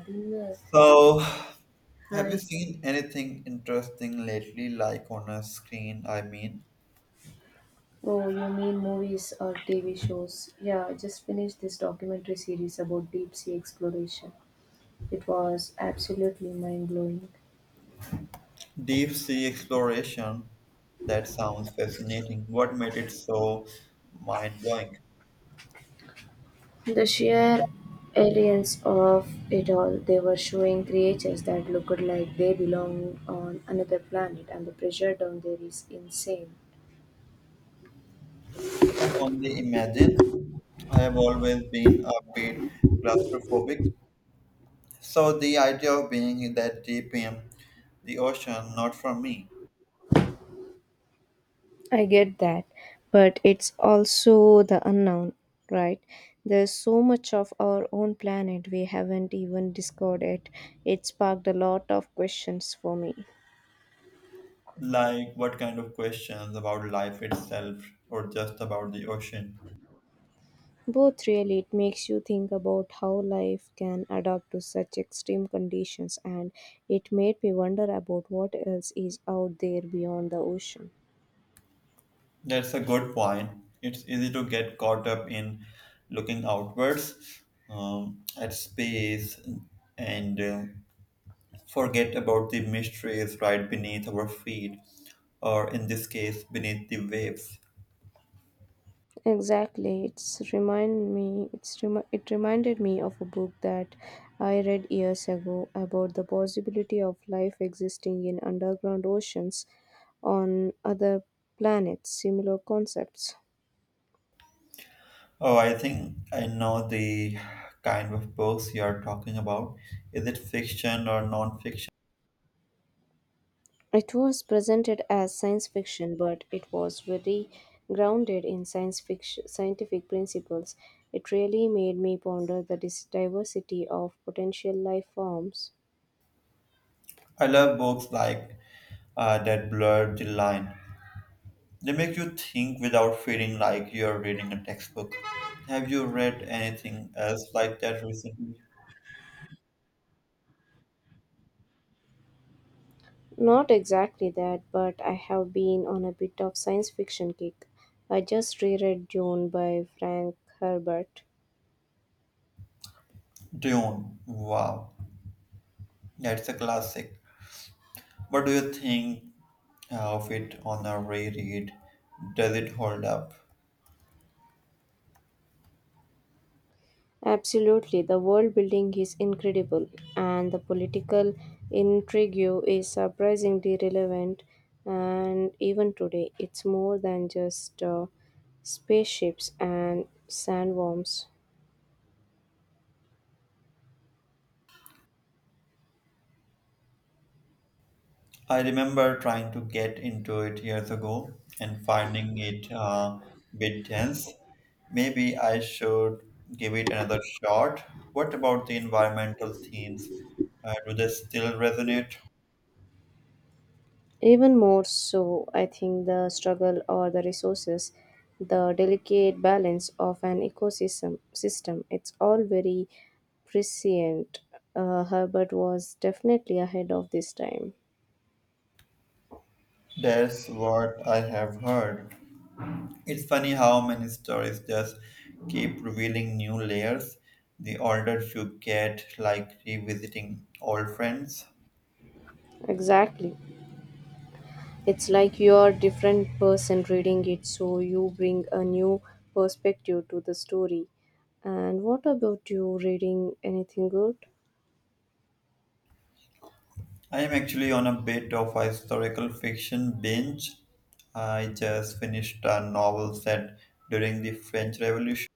Dinner. So, have you Hi. seen anything interesting lately, like on a screen? I mean, Oh, you mean movies or TV shows? Yeah, I just finished this documentary series about deep sea exploration. It was absolutely mind blowing. deep sea exploration. That sounds fascinating. What made it so mind blowing? The sheer aliens of it all. They were showing creatures that looked like they belonged on another planet, and the pressure down there is insane. I can only imagine. I have always been a bit claustrophobic, so the idea of being in that deep in the ocean, not for me. I get that, but it's also the unknown, right? There's so much of our own planet we haven't even discovered yet. It sparked a lot of questions for me. Like, what kind of questions about life itself, or just about the ocean? Both really, it makes you think about how life can adapt to such extreme conditions, and it made me wonder about what else is out there beyond the ocean. That's a good point. It's easy to get caught up in looking outwards at space and forget about the mysteries right beneath our feet, or in this case, beneath the waves. Exactly. It reminded me of a book that I read years ago about the possibility of life existing in underground oceans on other planets. Similar concepts. Oh, I think I know the kind of books you are talking about. Is it fiction or non fiction? It was presented as science fiction, but it was very grounded in science fiction, scientific principles. It really made me ponder the diversity of potential life forms. I love books like that blur the line. They make you think without feeling like you're reading a textbook. Have you read anything else like that recently? Not exactly that, but I have been on a bit of science fiction kick. I just reread Dune by Frank Herbert. Dune. Wow, that's a classic. What do you think of it on a reread? Does it hold up? Absolutely, the world building is incredible, and the political intrigue is surprisingly relevant. And even today, it's more than just spaceships and sandworms. I remember trying to get into it years ago and finding it a bit dense. Maybe I should give it another shot. What about the environmental themes? Do they still resonate? Even more so, I think the struggle or the resources, the delicate balance of an ecosystem system, it's all very prescient. Herbert was definitely ahead of this time. That's what I have heard. It's funny how many stories just keep revealing new layers. The older you get, like revisiting old friends. Exactly. It's like you're different person reading it, so you bring a new perspective to the story. And what about you reading anything good? I am actually on a bit of a historical fiction binge. I just finished a novel set during the French Revolution.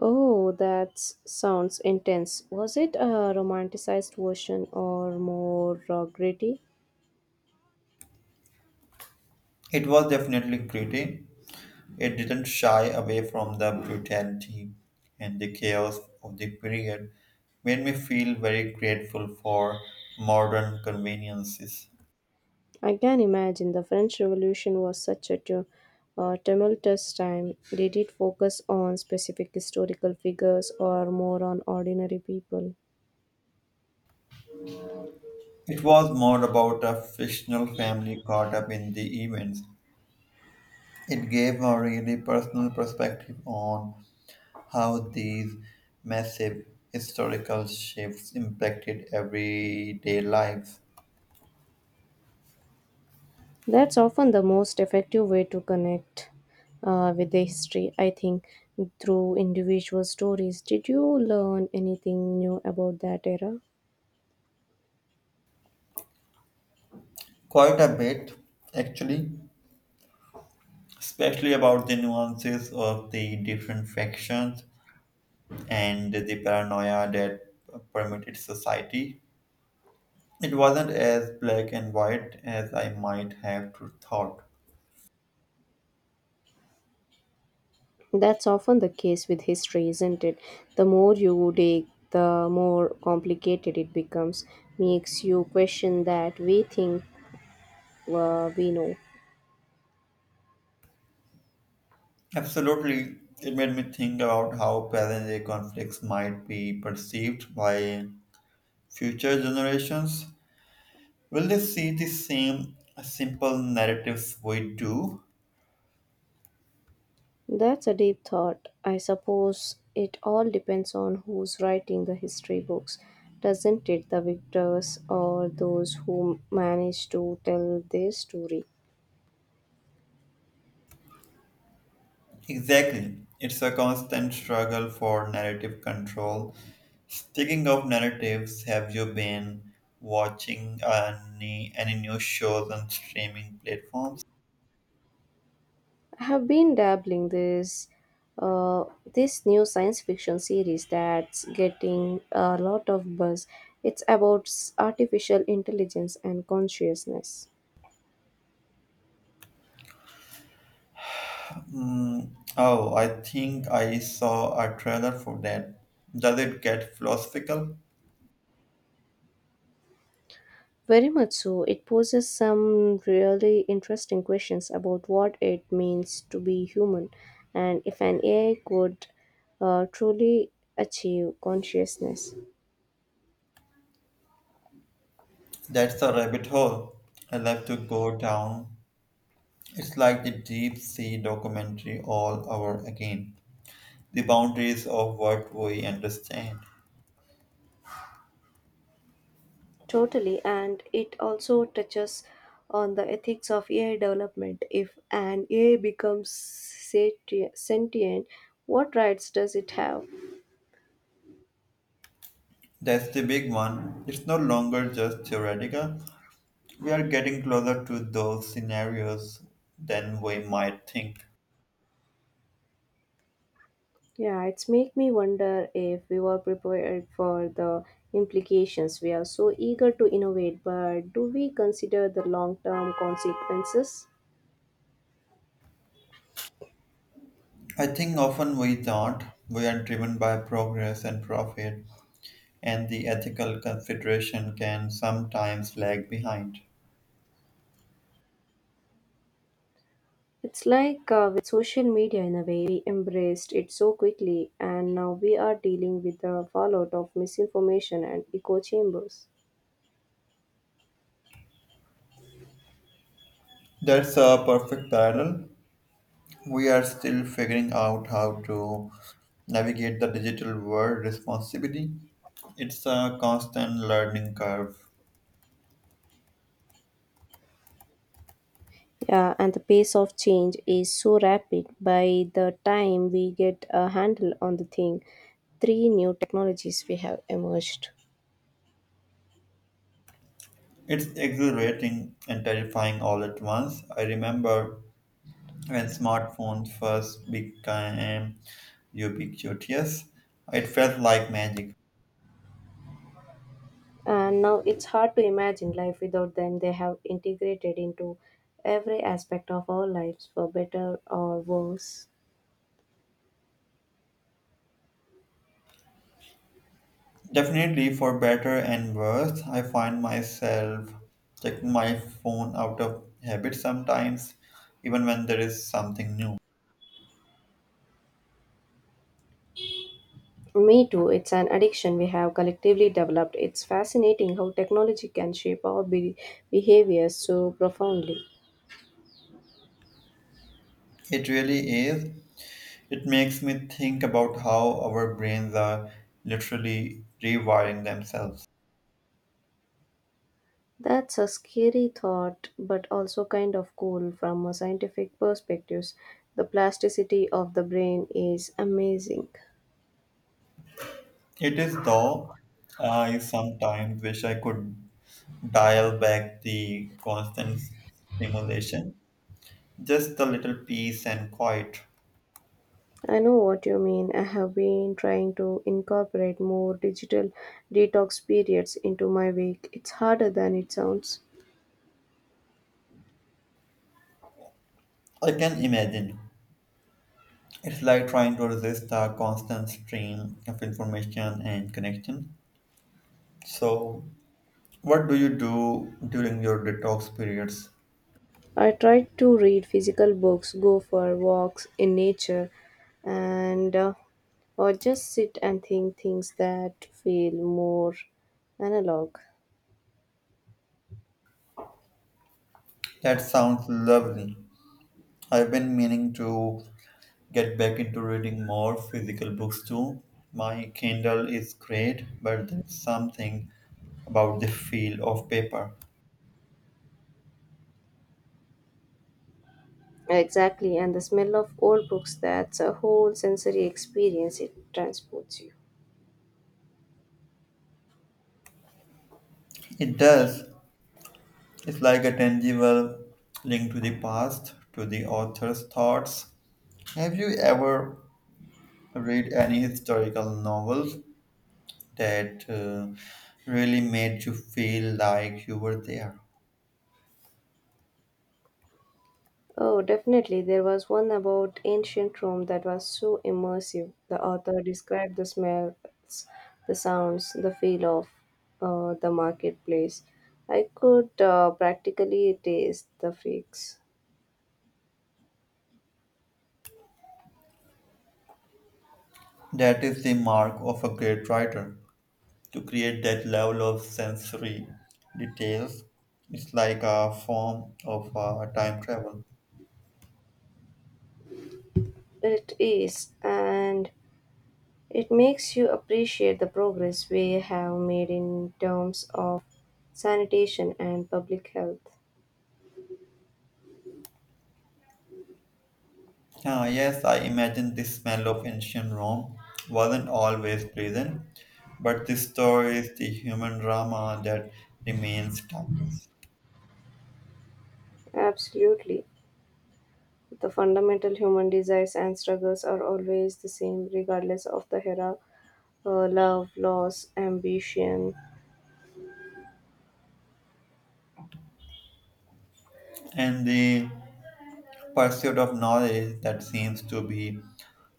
Oh, that sounds intense. Was it a romanticized version or more gritty? It was definitely gritty. It didn't shy away from the brutality and the chaos of the period, made me feel very grateful for modern conveniences. I can imagine the French Revolution was such a tumultuous time. Did it focus on specific historical figures or more on ordinary people? It was more about a fictional family caught up in the events. It gave a really personal perspective on how these massive historical shifts impacted everyday lives. That's often the most effective way to connect with the history, I think, through individual stories. Did you learn anything new about that era? Quite a bit, actually, especially about the nuances of the different factions and the paranoia that permeated society. It wasn't as black and white as I might have thought. That's often the case with history, isn't it? The more you dig, the more complicated it becomes, makes you question that we think we know. Absolutely, it made me think about how present day conflicts might be perceived by future generations. Will they see the same simple narratives we do? That's a deep thought. I suppose it all depends on who's writing the history books, doesn't it? The victors or those who manage to tell their story. Exactly. It's a constant struggle for narrative control. Speaking of narratives, have you been watching any new shows on streaming platforms? I have been dabbling uh, this new science fiction series that's getting a lot of buzz. It's about artificial intelligence and consciousness. Mm, oh, I think I saw a trailer for that. Does it get philosophical? Very much so. It poses some really interesting questions about what it means to be human and if an AI could truly achieve consciousness. That's a rabbit hole I love to go down. It's like the deep sea documentary all over again. The boundaries of what we understand. Totally, and it also touches on the ethics of AI development. If an AI becomes sentient, what rights does it have? That's the big one. It's no longer just theoretical. We are getting closer to those scenarios than we might think. Yeah, it's make me wonder if we were prepared for the implications. We are so eager to innovate, but do we consider the long-term consequences? I think often we don't. We are driven by progress and profit, and the ethical consideration can sometimes lag behind. It's like with social media in a way, we embraced it so quickly, and now we are dealing with the fallout of misinformation and echo chambers. That's a perfect parallel. We are still figuring out how to navigate the digital world responsibly. It's a constant learning curve. Yeah, and the pace of change is so rapid. By the time we get a handle on the thing, three new technologies we have emerged. It's exhilarating and terrifying all at once. I remember when smartphones first became ubiquitous, it felt like magic. And now it's hard to imagine life without them. They have integrated into every aspect of our lives, for better or worse. Definitely, for better and worse, I find myself checking my phone out of habit sometimes, even when there is something new. Me too, it's an addiction we have collectively developed. It's fascinating how technology can shape our behavior so profoundly. It really is. It makes me think about how our brains are literally rewiring themselves. That's a scary thought, but also kind of cool from a scientific perspective. The plasticity of the brain is amazing. It is, though, I sometimes wish I could dial back the constant stimulation, just a little peace and quiet. I know what you mean. I have been trying to incorporate more digital detox periods into my week. It's harder than it sounds. I can imagine. It's like trying to resist a constant stream of information and connection. So, what do you do during your detox periods? I try to read physical books, go for walks in nature, and or just sit and think things that feel more analog. That sounds lovely. I've been meaning to get back into reading more physical books too. My Kindle is great, but there's something about the feel of paper. Exactly, and the smell of old books, that's a whole sensory experience, it transports you. It does. It's like a tangible link to the past, to the author's thoughts. Have you ever read any historical novels that really made you feel like you were there? Oh, definitely. There was one about ancient Rome that was so immersive. The author described the smells, the sounds, the feel of the marketplace. I could practically taste the figs. That is the mark of a great writer to create that level of sensory details. It's like a form of time travel. It is, and it makes you appreciate the progress we have made in terms of sanitation and public health. Ah, yes, I imagine the smell of ancient Rome wasn't always pleasant, but this story is the human drama that remains timeless. Absolutely. The fundamental human desires and struggles are always the same, regardless of the era love, loss, ambition. And the pursuit of knowledge, that seems to be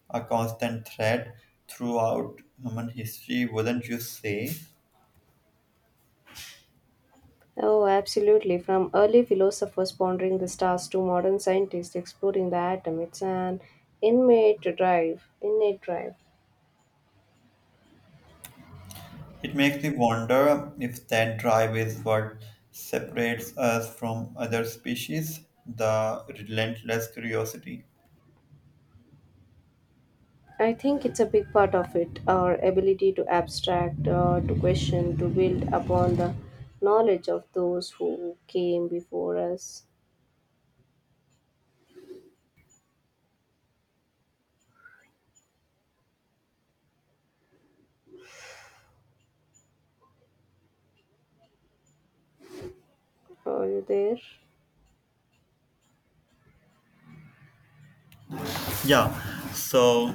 a constant thread throughout human history, wouldn't you say? Oh, absolutely. From early philosophers pondering the stars to modern scientists exploring the atom, it's an innate drive. Innate drive. It makes me wonder if that drive is what separates us from other species, the relentless curiosity. I think it's a big part of it, our ability to abstract, to question, to build upon the knowledge of those who came before us. Are you there? Yeah, so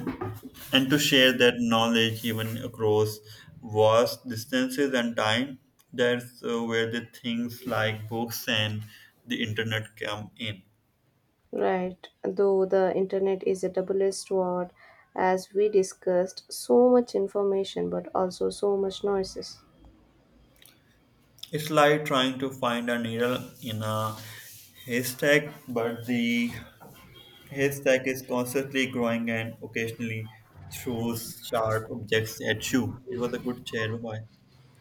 and to share that knowledge even across vast distances and time, that's where the things like books and the internet come in. Right, though the internet is a double-edged sword, as we discussed, so much information but also so much noises. It's like trying to find a needle in a haystack, but the haystack is constantly growing and occasionally throws sharp objects at you. It was a good chair, bye.